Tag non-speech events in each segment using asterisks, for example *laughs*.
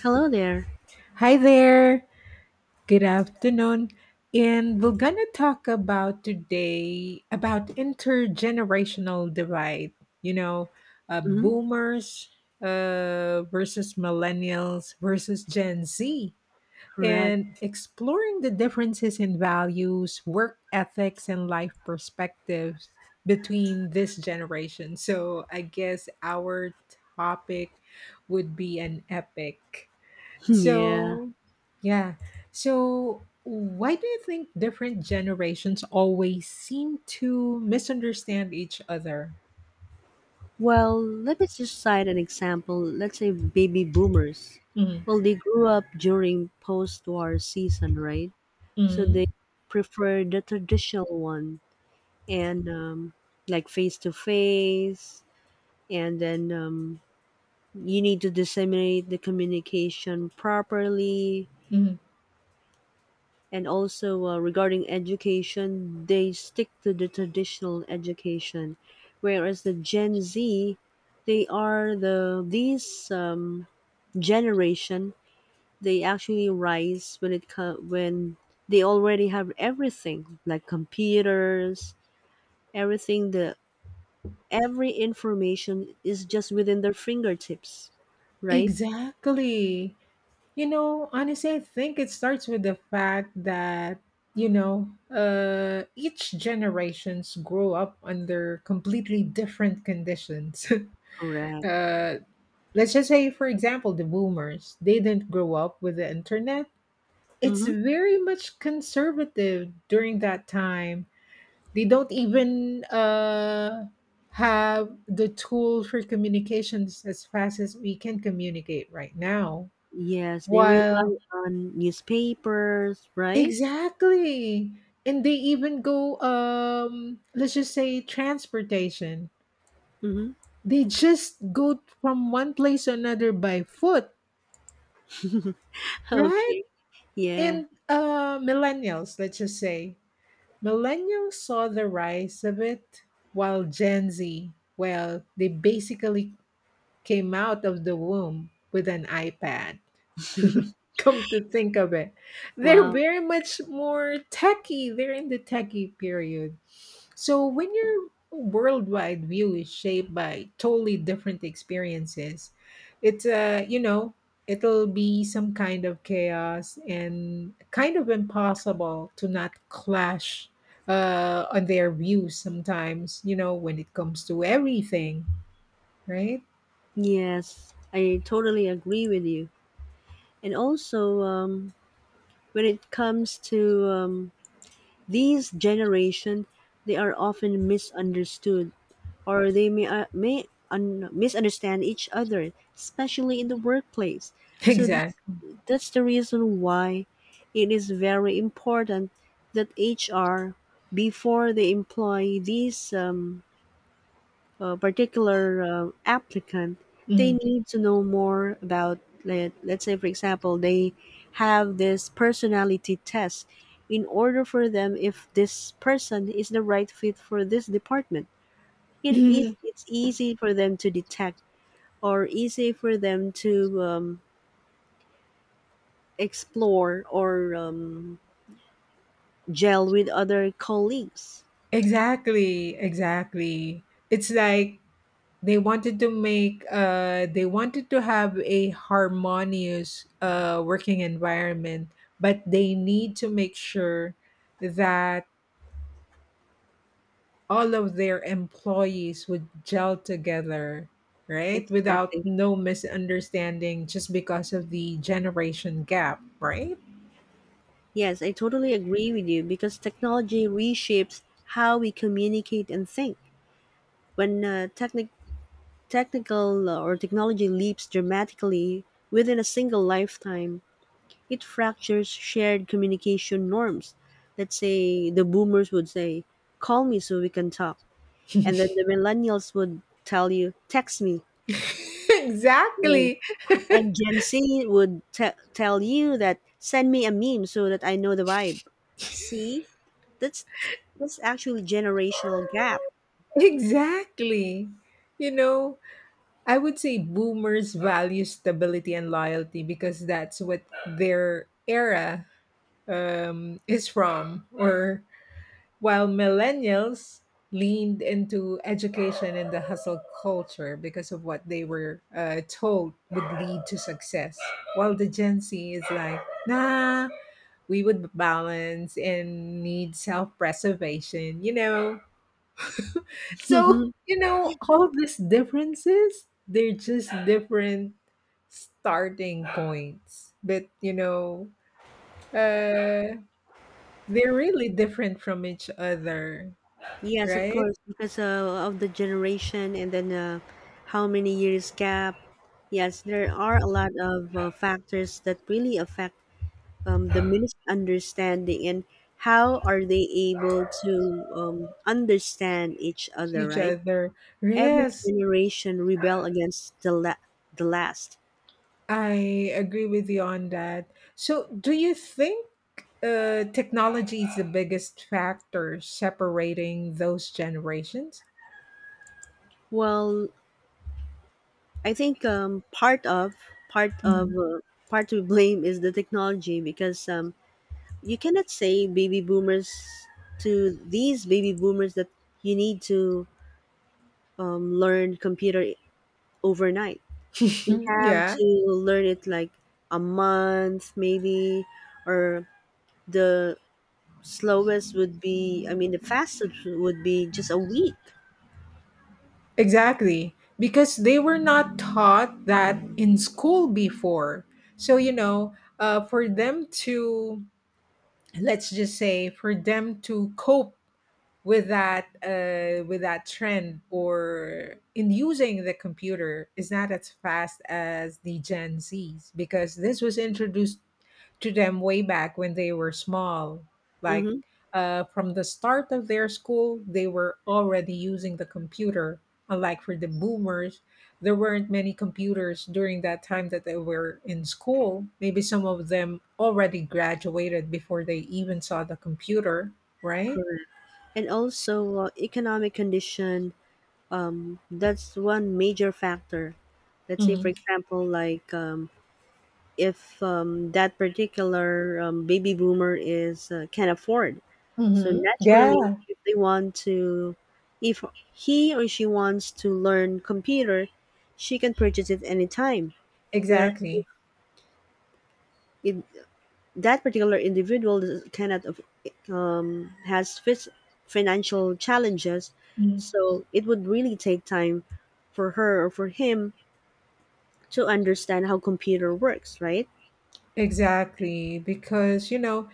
Hello there. Hi there. Good afternoon. And we're going to talk about today about intergenerational divide, you know, Hmm. boomers versus millennials versus Gen Z, and Correct. exploring the differences in values, work ethics, and life perspectives between this generation. So I guess our topic would be an epic. *laughs* Yeah. So, yeah. So, why do you think different generations always seem to misunderstand each other? Well, let me just cite an example. Let's say baby boomers. Mm, Well, they grew up during post war season, right? So they mm, prefer the traditional one and like face to face. And then you need to disseminate the communication properly. mm. And also regarding education, they stick to the traditional education, whereas the Gen Z, they are these generation. They actually rise when they already have everything like computers, everything. The Every information is just within their fingertips, right? Exactly. Honestly, I think it starts with the fact that, each generations grow up under completely different conditions. *laughs* Correct. uh, let's just say, for example, the boomers, they didn't grow up with the internet. It's Mm-hmm. very much conservative during that time. They don't even have the tool for communications as fast as we can communicate right now. Yes, they While rely on newspapers, right? Exactly, and they even go let's just say transportation. Mm-hmm. They just go from one place to another by foot, right? Okay. Yeah. And millennials, let's just say millennials saw the rise of it, while Gen Z, well, they basically came out of the womb with an iPad. *laughs* *laughs* Come to think of it, they're Wow. very much more techy. They're in the techie period. So when your worldwide view is shaped by totally different experiences, it's uh, you know, it'll be some kind of chaos and kind of impossible to not clash on their views sometimes, you know, when it comes to everything, right? *laughs* Yes, I totally agree with you. And also, when it comes to these generation, they are often misunderstood, or they may misunderstand each other, especially in the workplace. So that's Exactly. that's the reason why it is very important that HR, before they employ these particular applicant, they Mhm. need to know more about, let's say, for example, they have this personality test in order for them if this person is the right fit for this department. Mhm. It's easy for them to detect or easy for them to explore or gel with other colleagues. *laughs* Exactly. It's like they wanted to have a harmonious working environment, but they need to make sure that all of their employees would gel together, right? Without Exactly. no misunderstanding just because of the generation gap, right? Yes, I totally agree with you because technology reshapes how we communicate and think. When technic- technical or technology leaps dramatically within a single lifetime, it fractures shared communication norms. Let's say the boomers would say, call me so we can talk. And then the millennials would tell you, text me. *laughs* Right? exactly And Gen Z would tell you that send me a meme so that I know the vibe. See, that's that's actually generational gap. exactly. You know, I would say boomers value stability and loyalty because that's what their era is from or while millennials leaned into education and the hustle culture because of what they were told would lead to success, while the Gen Z is like, nah, we would balance and need self-preservation, you know. So *laughs* you know all these differences, they're just different starting points, but uh they're really different from each other, Yes, of right? course, because of the generation and then how many years gap. Yes, there are a lot of factors that really affect the misunderstanding and how are they able to understand each other, each right? other. Every Yes, generation rebel against the the last. I agree with you on that. So, do you think technology is the biggest factor separating those generations? Well, I think part of Mhm. uh, part to blame is the technology because you cannot say baby boomers to these baby boomers that you need to learn computer overnight. They Mhm. have Yeah, to learn it like a month maybe, or the slowest would be I mean the fastest would be just a week. exactly. Because they were not taught that in school before. So, you know, let's just say, for them to cope with that trend or in using the computer is not as fast as the Gen Zs because this was introduced to them way back when they were small. Like Mm-hmm. From the start of their school, they were already using the computer. Unlike for the boomers, there weren't many computers during that time that they were in school. Maybe some of them already graduated before they even saw the computer, right? Correct. And also economic condition, that's one major factor. Let's say, for Mhm. example, like if that particular baby boomer is can afford, so Mhm. naturally Yeah, if they want to, if he or she wants to learn computer, she can purchase it anytime. Whereas exactly. if that particular individual cannot has financial challenges, Mm. so it would really take time for her or for him to understand how computer works, right? Exactly. Because, you know,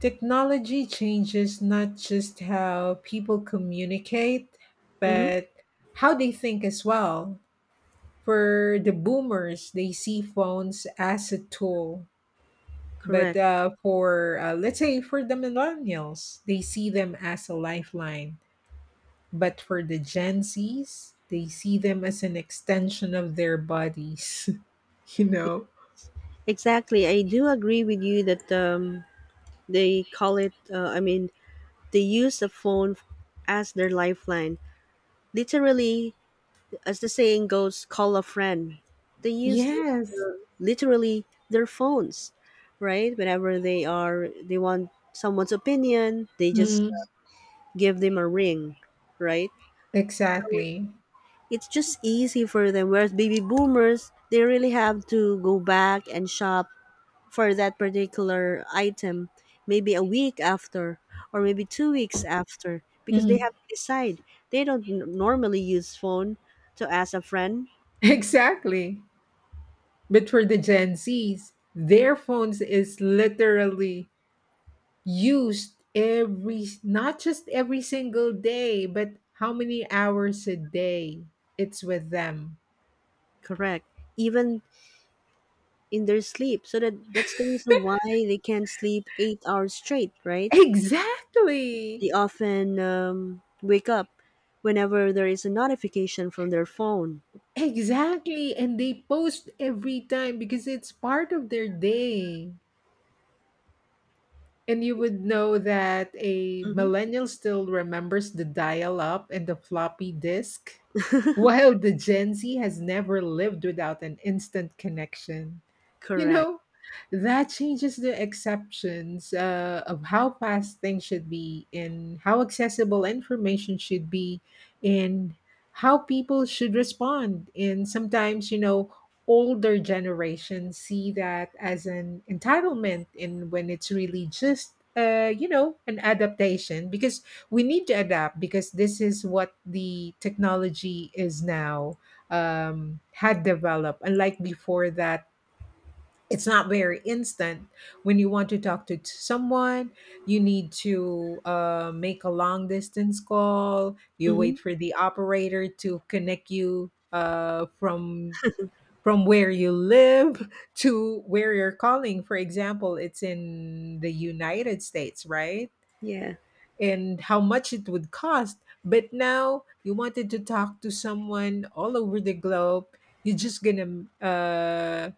technology changes not just how people communicate, Mm-hmm. but how they think as well. For the boomers, they see phones as a tool. But Correct. Let's say, for the millennials, they see them as a lifeline. But for the Gen Zs, they see them as an extension of their bodies, *laughs* you know? Exactly. I do agree with you that they call it they use the phone as their lifeline, literally. As the saying goes, call a friend. They use Yes. Literally their phones, right? Whenever they are, they want someone's opinion, they just Mm. give them a ring, right? Exactly. It's just easy for them. Whereas baby boomers, they really have to go back and shop for that particular item, maybe a week after or maybe 2 weeks after, because they Mm. *laughs* have to decide. They don't normally use phone to ask a friend. Exactly. But for the Gen Zs, their phones is literally used every not just every single day, but how many hours a day it's with them. Correct. Even in their sleep. So that's the reason why they can't sleep 8 hours straight, *laughs* right? Exactly. They often wake up whenever there is a notification from their phone. Exactly. And they post every time because it's part of their day. And you would know that a Mm-hmm. millennial still remembers the dial up and the floppy disk, while the Gen Z has never lived without an instant connection. You Correct. know, that changes the exceptions of how fast things should be and how accessible information should be and how people should respond. And sometimes, you know, older generations see that as an entitlement, and when it's really just an adaptation, because we need to adapt because this is what the technology is now had developed, unlike before that it's not very instant. When you want to talk to someone, you need to make a long distance call. You Mm-hmm. wait for the operator to connect you from where you live *laughs* to where you're calling. For example, it's in the United States, right? Yeah. And how much it would cost. But now you wanted to talk to someone all over the globe. You're just gonna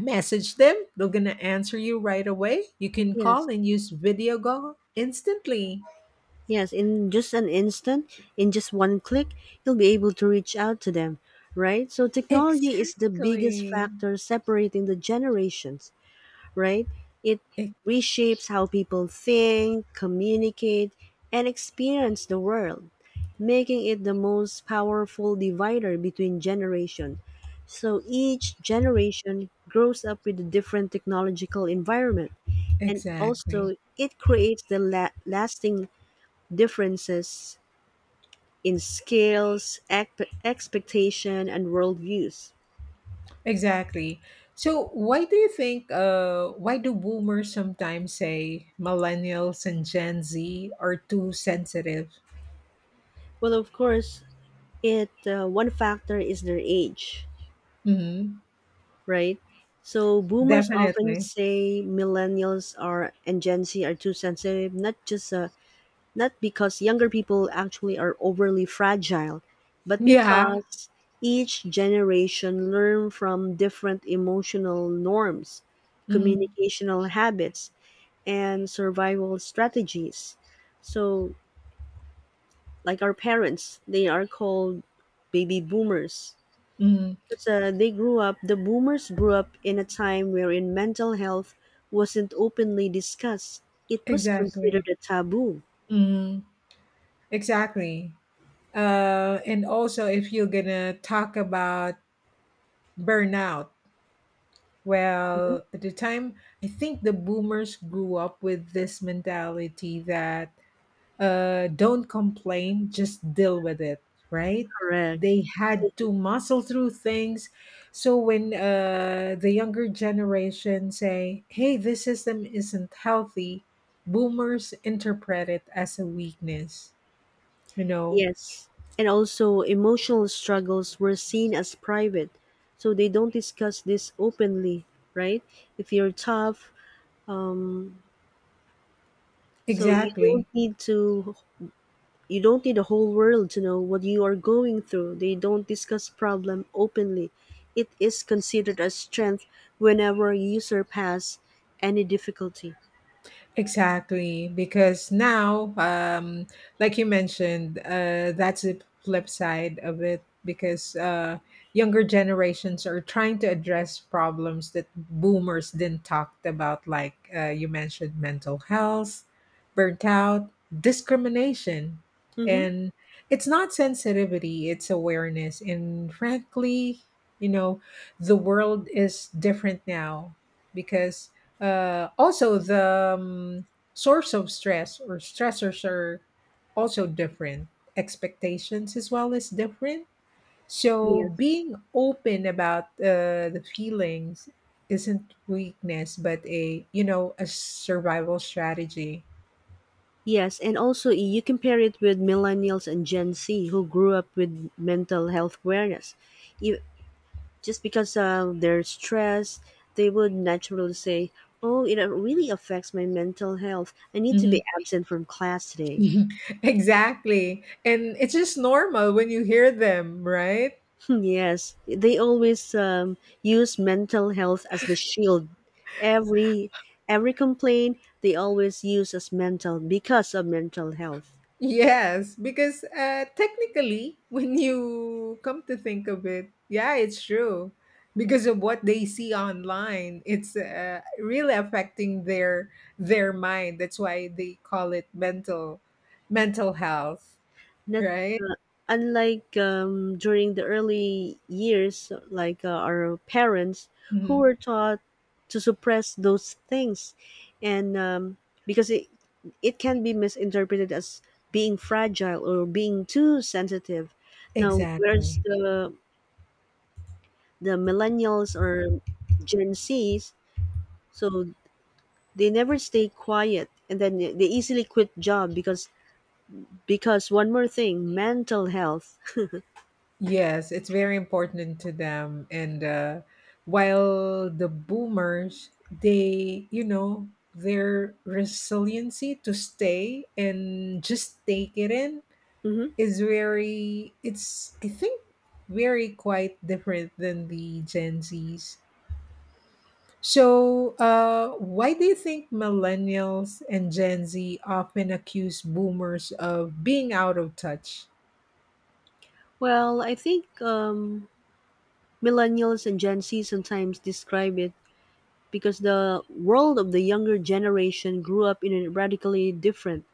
Message them. They're going to answer you right away. You can call Yes. and use video call instantly. Yes. In just an instant, in just one click, you'll be able to reach out to them, right? So technology is the biggest Exactly. factor separating the generations. Right? It E- reshapes how people think, communicate, and experience the world, making it the most powerful divider between generations. So each generation grows up with a different technological environment, and Exactly. also it creates the lasting differences in skills, expectation, and worldviews. Exactly. So why do you think why do boomers sometimes say millennials and Gen Z are too sensitive? Well, of course, it one factor is their age, Mhm. right? So boomers often Definitely. say millennials are and Gen Z are too sensitive, not just not because younger people actually are overly fragile, but Yeah. because each generation learn from different emotional norms, Mhm. communicational habits, and survival strategies. So, like our parents, they are called baby boomers Mhm. because the boomers grew up in a time wherein mental health wasn't openly discussed. It was considered Exactly. a taboo. Mhm. Exactly. And also if you're going to talk about burnout. Mhm. Well, at the time, I think the boomers grew up with this mentality that don't complain, just deal with it, right? Correct. They had to muscle through things. So when the younger generation say, hey, this system isn't healthy, boomers interpret it as a weakness, you know? Yes. And also, emotional struggles were seen as private. So they don't discuss this openly, right? If you're tough, um, so you Exactly. don't need to You don't need the whole world to know what you are going through. They don't discuss problem openly. It is considered a strength whenever you surpass any difficulty. Exactly, because now, um, like you mentioned, that's the flip side of it. Because younger generations are trying to address problems that boomers didn't talk about, like you mentioned, mental health, burnt out, discrimination, Mm-hmm. and it's not sensitivity; it's awareness. And frankly, you know, the world is different now because also, the source of stress or stressors are also different. Expectations as well is different. So, Yes. being open about the feelings isn't weakness, but a you know a survival strategy. Yes, and also you compare it with millennials and Gen Z who grew up with mental health awareness. You, just because of their stress, they would naturally say, "Oh, it really affects my mental health. I need to Mhm. be absent from class today." *laughs* Exactly, and it's just normal when you hear them, right? Hmm. Yes, they always use mental health as the shield. Every every complaint they always use as mental because of mental health. Yes, because technically, *laughs* when you come to think of it, yeah, it's true. Because of what they see online, it's really affecting their mind. That's why they call it mental health, Not right? uh, unlike during the early years, like our parents who Mhm. were taught to suppress those things, and because it can be misinterpreted as being fragile or being too sensitive. Now, where's Exactly. the millennials or Gen Zs, so they never stay quiet and then they easily quit job because one more thing, mental health. Yes, it's very important to them. And While the boomers, they, you know, their resiliency to stay and just take it in *laughs* Hmm. is very, it's, I think, very quite different than the Gen Zs. So, why do you think millennials and Gen Z often accuse boomers of being out of touch? Well, I think millennials and Gen Z sometimes describe it because the world of the younger generation grew up in a radically different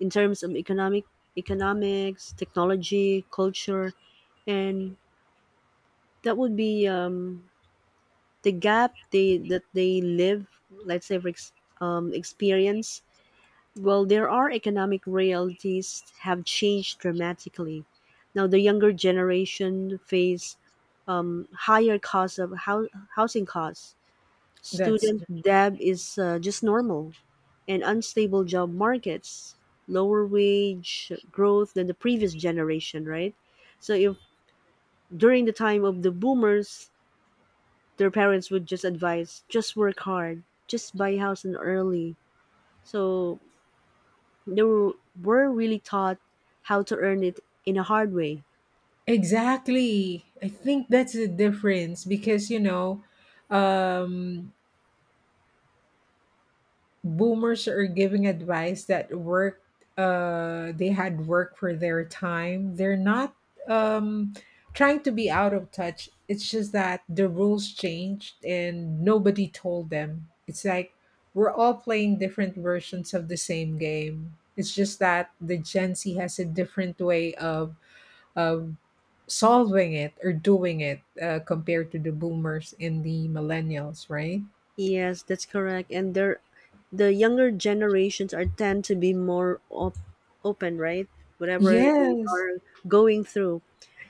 in terms of economics, technology, culture, and that would be the gap they live, let's say experience. Well, there are economic realities have changed dramatically. Now the younger generation face higher costs of housing costs, That's student debt is just normal, and unstable job markets, lower wage growth than the previous generation, right? So if during the time of the boomers, their parents would just advise, just work hard, just buy a house and early. So they were really taught how to earn it in a hard way. Exactly. I think that's the difference because, you know, um, boomers are giving advice that work, they had work for their time. They're not um, trying to be out of touch. It's just that the rules changed and nobody told them. It's like we're all playing different versions of the same game. It's just that the Gen Z has a different way of solving it or doing it compared to the boomers and the millennials, right? Yes, that's correct. The younger generations are tend to be more open, right? Whatever they Yes. are going through,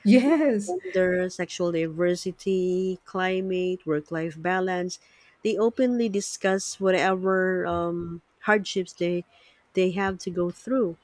Yes, gender, sexual diversity, climate, work-life balance, they openly discuss whatever hardships they have to go through.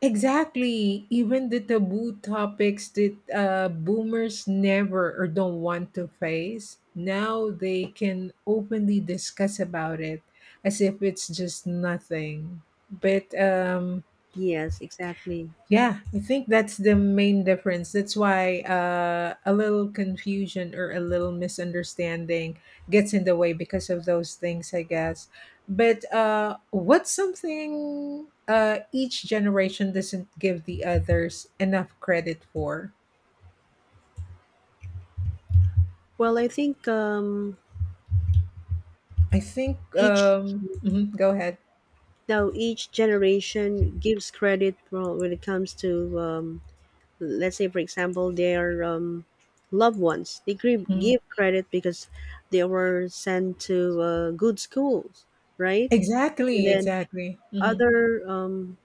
exactly. Even the taboo topics that boomers never or don't want to face, now they can openly discuss about it as if it's just nothing. But Yes, exactly. Yeah, I think that's the main difference. That's why a little confusion or a little misunderstanding gets in the way because of those things, I guess. But what's something each generation doesn't give the others enough credit for? Well, I think each Go ahead. Each generation gives credit, well, when it comes to let's say, for example, their loved ones. They give, Mhm. give credit because they were sent to good schools, right? And Exactly, then exactly. Hmm. other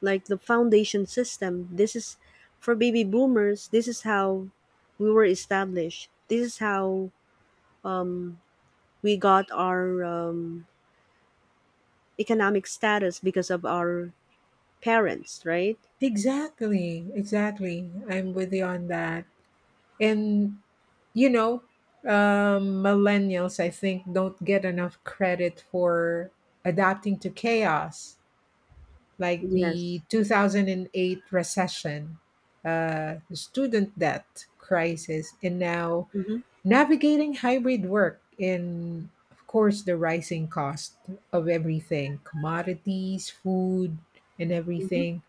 like the foundation system. This is for baby boomers. This is how we were established. This is how we got our economic status because of our parents, right? Exactly, exactly. I'm with you on that. And you know, millennials, I think, don't get enough credit for adapting to chaos, like the Yes. 2008 recession, the student debt crisis, and now Mm-hmm. navigating hybrid work and of course, the rising cost of everything, commodities, food, and Mm-hmm. everything.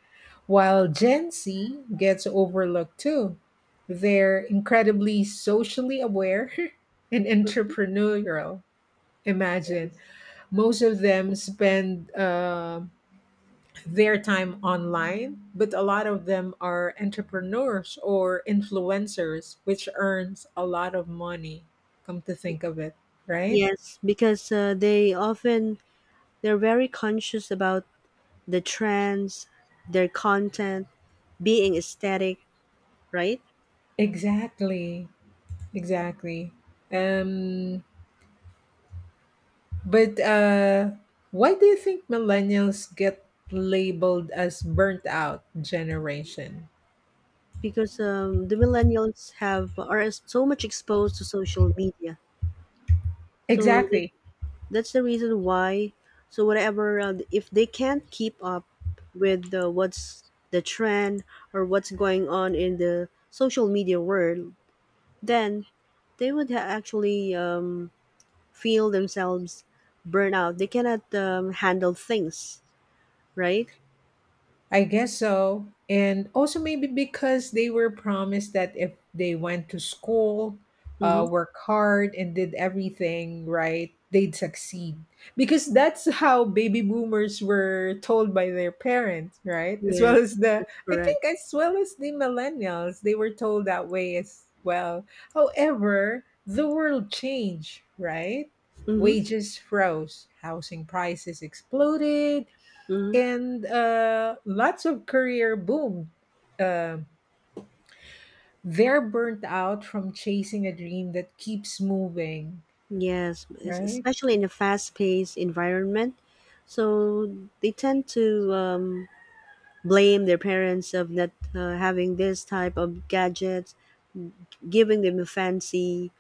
While Gen Z gets overlooked too, they're incredibly socially aware *laughs* and entrepreneurial. Imagine Yes. most of them spend their time online, but a lot of them are entrepreneurs or influencers, which earns a lot of money. Come to think of it, right? Yes, because they're very conscious about the trends, their content, being aesthetic, right? Exactly, exactly. Um, But Why do you think millennials get labeled as burnt out generation? Because the millennials have are so much exposed to social media, so Exactly. that's the reason why, so whatever if they can't keep up with what's the trend or what's going on in the social media world, then they would actually feel themselves burn out, they cannot handle things, right? I guess so. And also maybe because they were promised that if they went to school, Mm-hmm. work hard and did everything right, they'd succeed. Because that's how baby boomers were told by their parents, right? As well Yes, as the, that's I correct. think, as well as the millennials, they were told that way as well. However, the world changed, right? Mm-hmm. Wages froze, housing prices exploded, Mm-hmm. and lots of career boom. Uh, they're burnt out from chasing a dream that keeps moving, Yes, right? especially in a fast-paced environment, so they tend to um, blame their parents of not having this type of gadgets, giving them fancy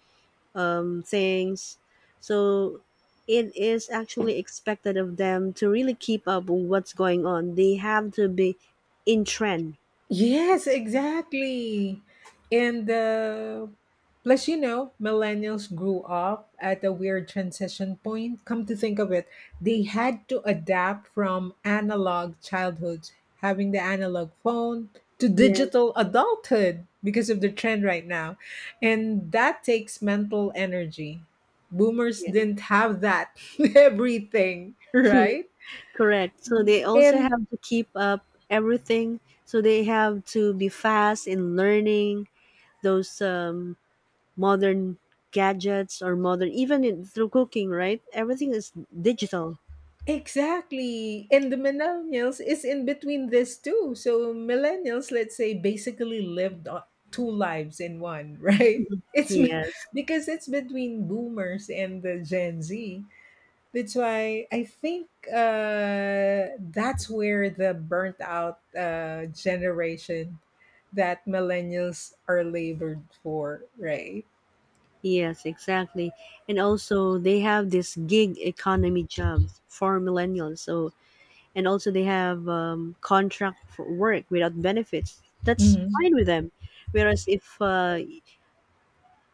things. So it is actually expected of them to really keep up with what's going on. They have to be in trend. Yes, exactly. And plus, you know, millennials grew up at a weird transition point. Come to think of it, they had to adapt from analog childhoods, having the analog phone, to digital Yes. adulthood because of the trend right now. And that takes mental energy. Boomers Yes. didn't have that, *laughs* everything, right? Correct. So they also And have to keep up everything. So they have to be fast in learning those modern gadgets or modern, even in, through cooking, right? Everything is digital. Exactly. And the millennials is in between this too. So millennials, let's say, basically lived two lives in one, *laughs* right? It's m- Yes, because it's between boomers and the Gen Z. That's why I think that's where the burnt out generation that millennials are labored for, right? yes, exactly. And also they have this gig economy jobs for millennials. So and also they have contract for work without benefits. That's Hmm. fine with them. Whereas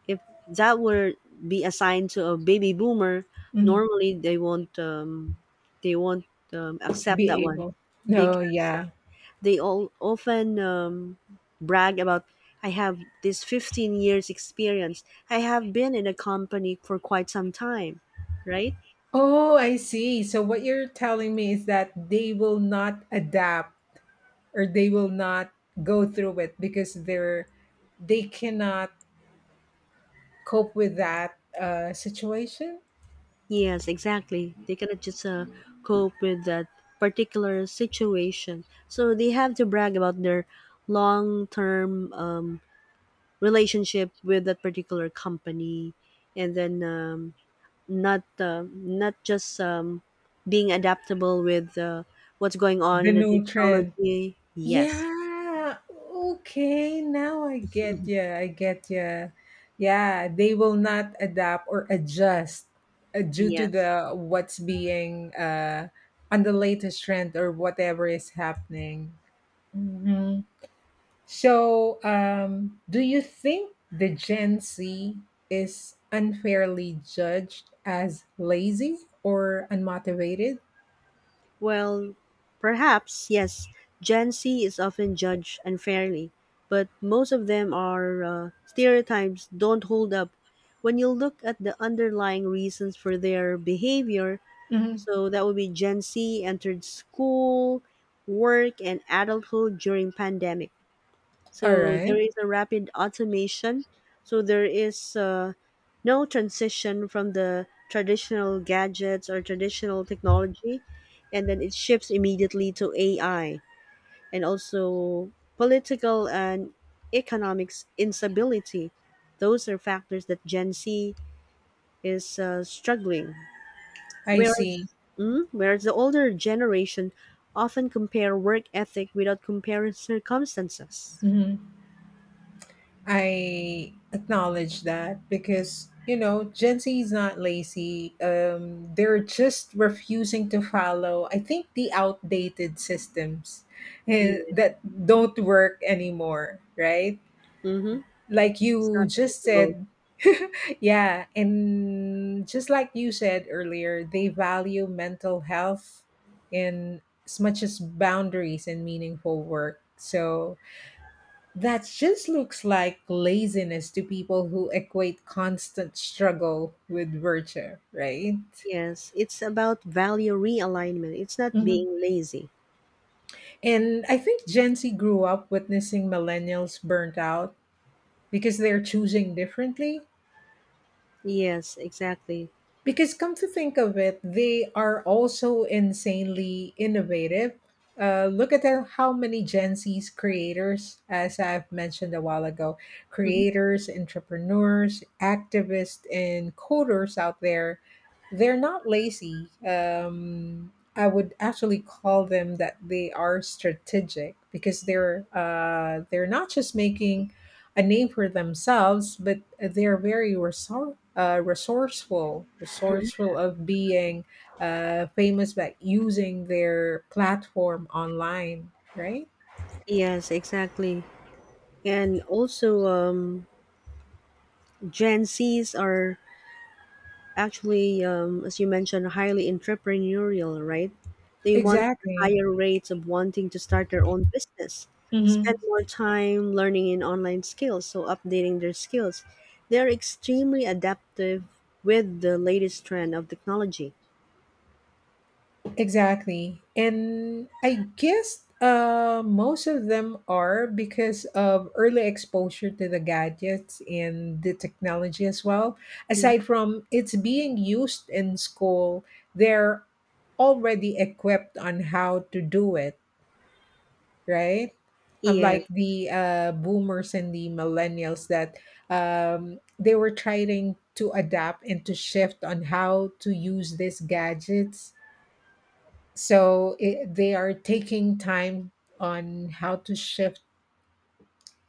if that were be assigned to a baby boomer, Hmm. normally they won't they won't accept Be that one able. No, because yeah. they all often brag about, I have this 15 years experience. I have been in a company for quite some time, right? Oh, I see. So what you're telling me is that they will not adapt or they will not go through it because they cannot cope with that situation, Yes, exactly. They cannot just cope with that particular situation. So they have to brag about their long term relationship with that particular company. And then not just being adaptable with what's going on the in the new trend. technology. Yes, Yeah. Okay. Now I get you. I get you. Yeah, they will not adapt or adjust due to yes. the what's being on the latest trend or whatever is happening. Mhm. So, do you think the Gen Z is unfairly judged as lazy or unmotivated? Well, perhaps yes. Gen Z is often judged unfairly, but most of them are stereotypes don't hold up when you look at the underlying reasons for their behavior. Mhm. So that would be Gen Z entered school, work, and adulthood during pandemic. All So there right. is a rapid automation. So there is no transition from the traditional gadgets or traditional technology, and then it shifts immediately to AI, and also political and economics instability. Those are factors that Gen Z is struggling. I Whereas, see. mm, whereas the older generation often compare work ethic without comparing circumstances. Mhm. I acknowledge that because Gen Z is not lazy. They're just refusing to follow. I think the outdated systems Yeah. that don't work anymore, right? Mm-hmm. Like It's you not just feasible. said, *laughs* yeah, and just like you said earlier, they value mental health in as much as boundaries and meaningful work. So that just looks like laziness to people who equate constant struggle with virtue, right? Yes, it's about value realignment. It's not Mhm. being lazy. And I think Gen Z grew up witnessing millennials burnt out because they're choosing differently. Yes, exactly. Because come to think of it, they are also insanely innovative. Look at the- how many Gen Z's creators, as I've mentioned a while ago, Mhm. creators, entrepreneurs, activists, and coders out there. They're not lazy. I would actually call them that they are strategic because they're not just making a name for themselves, but they're very resourceful, Mhm. resourceful of being famous by using their platform online, right? Yes, exactly. And also, Gen Zs are actually, as you mentioned, highly entrepreneurial, right? They want Exactly. higher rates of wanting to start their own business, Mhm. spend more time learning in online skills, so updating their skills. They're extremely adaptive with the latest trend of technology. Exactly. And I guess most of them are because of early exposure to the gadgets and the technology as well. Aside from it's being used in school, they're already equipped on how to do it, right? Yes, Unlike the boomers and the millennials that they were trying to adapt and to shift on how to use these gadgets so it, they are taking time on how to shift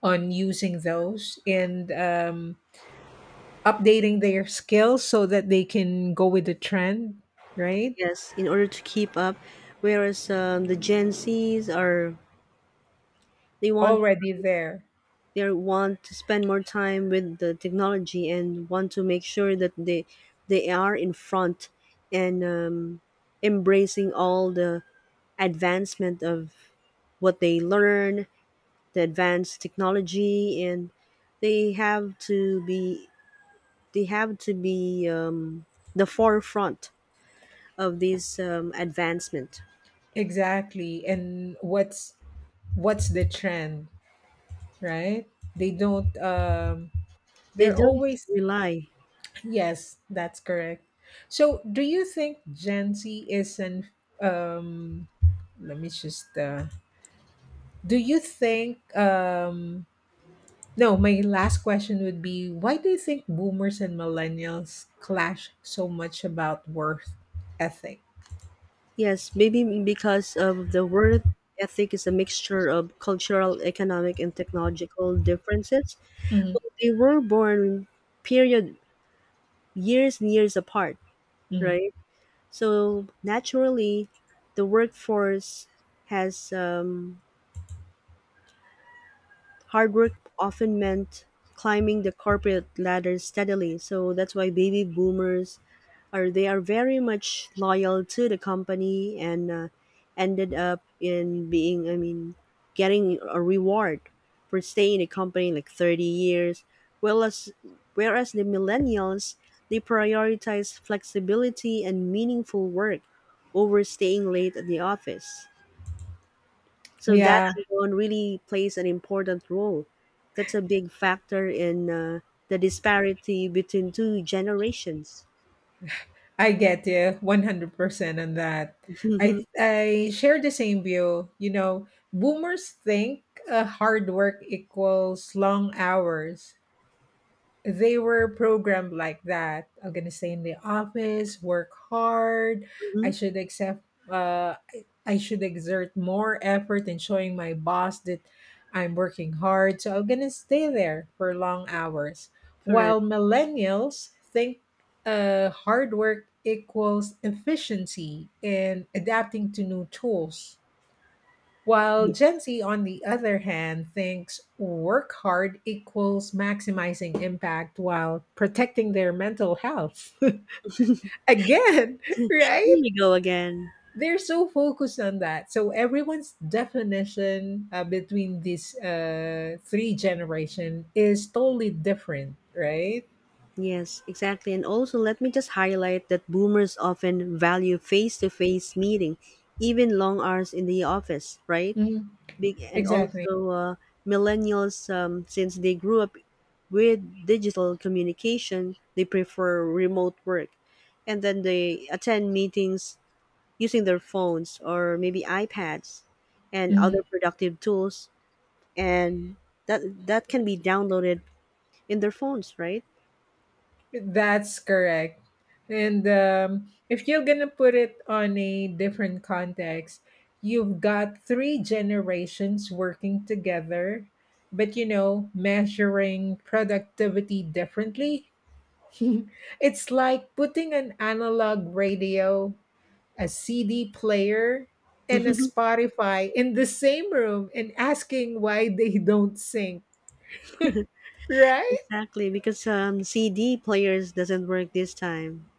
on using those and updating their skills so that they can go with the trend, right, yes. In order to keep up, whereas the Gen Zs are they want already there, want to spend more time with the technology and want to make sure that they are in front and embracing all the advancement of what they learn, the advanced technology, and they have to be they have to be the forefront of this advancement. exactly, and what's the trend, right, they don't They they're don't always, just rely. yes, that's correct. So do you think Gen Z is an um, let me just do you think no, my last question would be, why do you think boomers and millennials clash so much about worth ethic? Yes, maybe because of the word ethic is a mixture of cultural, economic, and technological differences. Mhm. Well, they were born period years and years apart, Mhm. right? So naturally, the workforce has hard work often meant climbing the corporate ladder steadily. So that's why baby boomers or they are very much loyal to the company and ended up in being I mean getting a reward for staying in the company like 30 years, whereas whereas the millennials, they prioritize flexibility and meaningful work over staying late at the office. So that Yeah, alone really plays an important role. That's a big factor in the disparity between two generations. I get you 100% on that. *laughs* I Mhm, I share the same view. You know, boomers think hard work equals long hours, they were programmed like that. I'm gonna stay in the office, work hard. I mhm, should accept. I should exert more effort in showing my boss that I'm working hard. So I'm gonna stay there for long hours. correct. While millennials think hard work equals efficiency and adapting to new tools. While Ye- Gen Z, on the other hand, thinks work hard equals maximizing impact while protecting their mental health. *laughs* Again, Here right? we go again. They're so focused on that. So everyone's definition between these three generation is totally different, right? Yes, exactly. And also, let me just highlight that boomers often value face to face meeting, even long hours in the office, right? Mhm. Big, and Exactly. also, millennials, since they grew up with digital communication, they prefer remote work. And then they attend meetings using their phones or maybe iPads and other productive tools. And that can be downloaded in their phones, right? That's correct. And if you're going to put it on a different context, you've got three generations working together, but you know, measuring productivity differently. *laughs* it's like putting an analog radio, a CD player, and a *laughs* Spotify in the same room and asking why they don't sync, right? Exactly, because CD players doesn't work this time.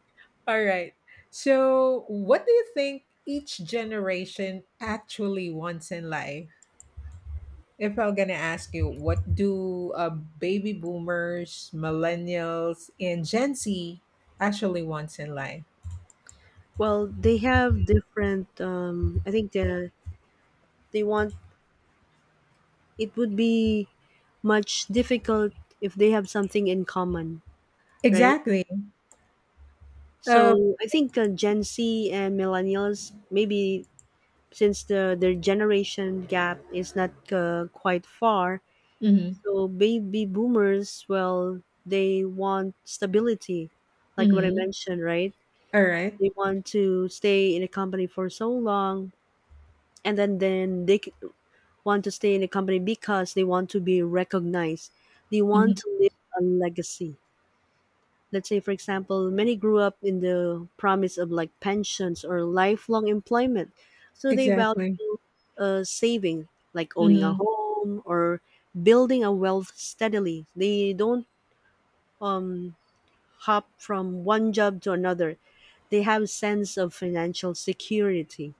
All right. So, what do you think each generation actually wants in life? If I'm going to ask you, what do baby boomers, millennials, and Gen Z actually wants in life? Well, they have different. I think the they want it would be much difficult if they have something in common, right? Exactly. Uh, So I think Gen Z and millennials maybe since the their generation gap is not quite far, mhm. so baby boomers, well, they want stability, like what I Mhm. mentioned, right? All right. They want to stay in a company for so long, and want to stay in a company because they want to be recognized. They want Mhm. to leave a legacy. Let's say for example many grew up in the promise of like pensions or lifelong employment, so they value Exactly. Saving, like owning a Mhm. home or building a wealth steadily. They don't um, hop from one job to another. They have a sense of financial security.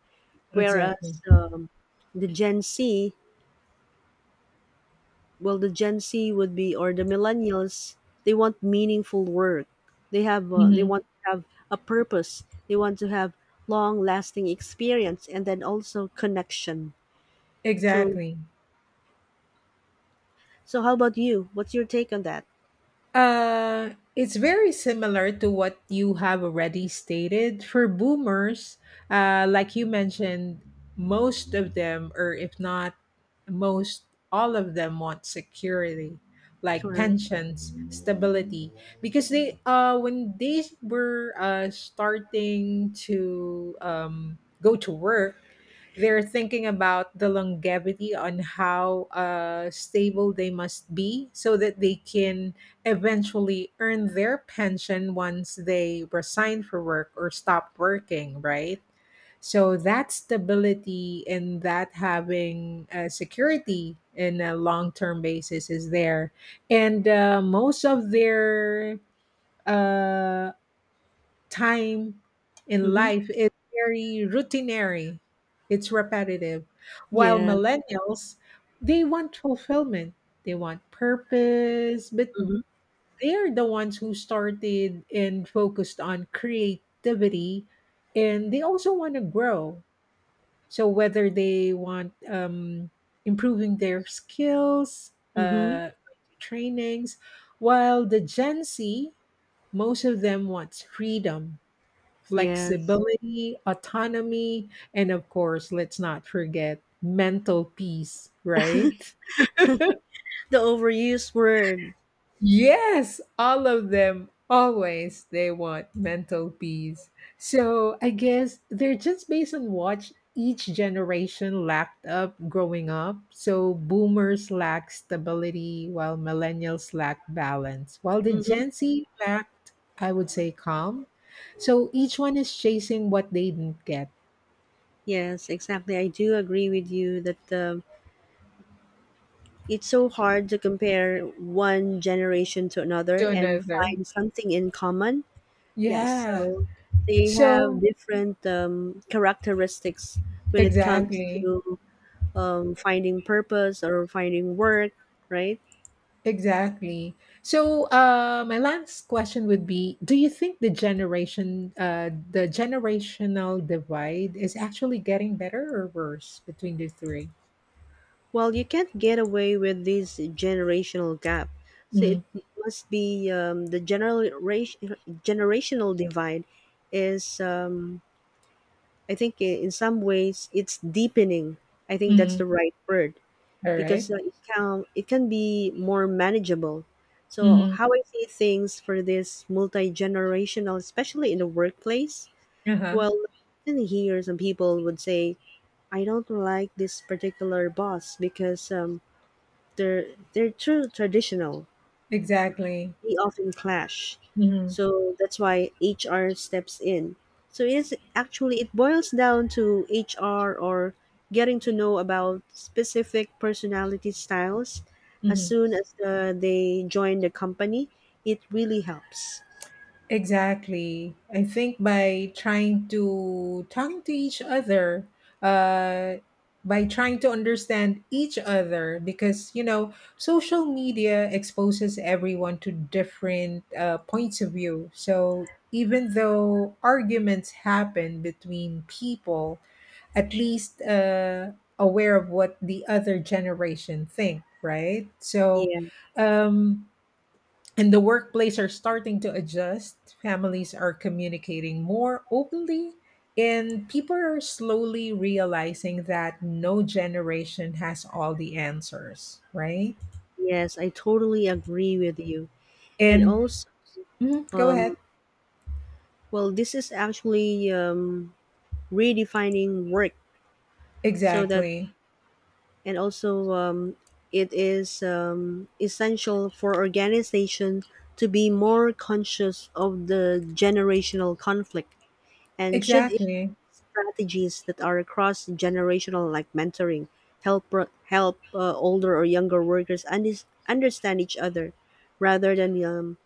Exactly. Whereas the Gen Z, well, the Gen Z would be or the millennials, they want meaningful work. They have they Mhm. want to have a purpose. They want to have long-lasting experience and then also connection. So Exactly. so how about you? What's your take on that? It's very similar to what you have already stated. For boomers, like you mentioned, most of them, or if not most, all of them want security, like Correct. pensions, stability, because they, when they were starting to go to work, they're thinking about the longevity on how stable they must be so that they can eventually earn their pension once they resign for work or stop working, right? So that stability and that having security in a long term basis is there, and most of their uh, time in Mm-hmm. life is very routinary. It's repetitive. While Yeah. millennials, they want fulfillment. They want purpose, but Mm-hmm. they're the ones who started and focused on creativity, and they also want to grow. So whether they want improving their skills, Mm-hmm. Trainings, while the Gen Z, most of them wants freedom, Yes. flexibility, autonomy, and of course, let's not forget mental peace, right? The overused word. Yes, all of them always they want mental peace. So I guess they're just based on what each generation lacked up growing up. So boomers lack stability while millennials lack balance. While the Mm-hmm. Gen Z lacked, I would say, calm. So each one is chasing what they didn't get Yes, exactly. I do agree with you that it's so hard to compare one generation to another to and another. find something in common. Yes, Yeah. so they have So different characteristics when it comes exactly. to finding purpose or finding work, right? Exactly. So my last question would be, do you think the generation the generational divide is actually getting better or worse between the three? Well, you can't get away with this generational gap. So it must be the generational divide is I think in some ways it's deepening. I think that's Mm-hmm. the right word. All right. Because it can be more manageable. So Mm-hmm. how I see things for this multi generational, especially in the workplace. Uh-huh. Well, and here some people would say, I don't like this particular boss because they're they're too traditional, Exactly. they often clash. Mm-hmm. So that's why HR steps in. So it is actually it boils down to HR or getting to know about specific personality styles as Mm-hmm. soon as they join the company. It really helps. Exactly. I think by trying to talking to each other, uh, by trying to understand each other, because you know, social media exposes everyone to different points of view. So even though arguments happen between people, at least aware of what the other generation think, right? So. Yeah, Um, and the workplace are starting to adjust. Families are communicating more openly, and people are slowly realizing that no generation has all the answers, right? yes, I totally agree with you. And And also, mhm, go ahead. um, well, this is actually redefining work so that Exactly. and also it is essential for organization to be more conscious of the generational conflict, and Exactly. strategies that are cross generational like mentoring help help older or younger workers undis understand each other rather than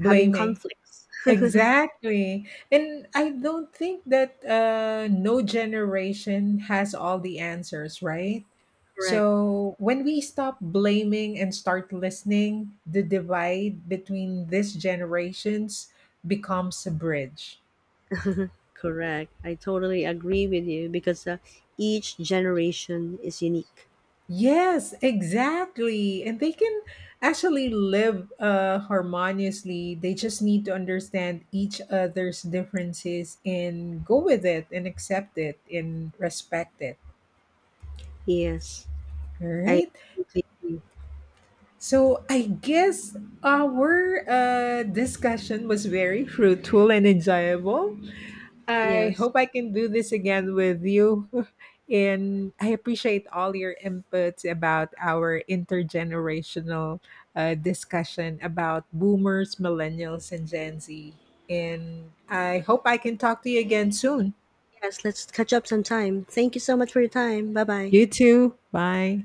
having conflicts. Exactly. And I don't think that no generation has all the answers, right? Correct, So when we stop blaming and start listening, the divide between these generations becomes a bridge. correct, I totally agree with you because each generation is unique. Yes, exactly. And they can actually live harmoniously. They just need to understand each other's differences and go with it and accept it and respect it. Yes, All I right. completely So I guess our discussion was very fruitful and enjoyable. I Yes. hope I can do this again with you. *laughs* And I appreciate all your inputs about our intergenerational discussion about boomers, millennials, and Gen Z. And I hope I can talk to you again soon. Yes, let's catch up sometime. Thank you so much for your time. Bye bye. You too. Bye.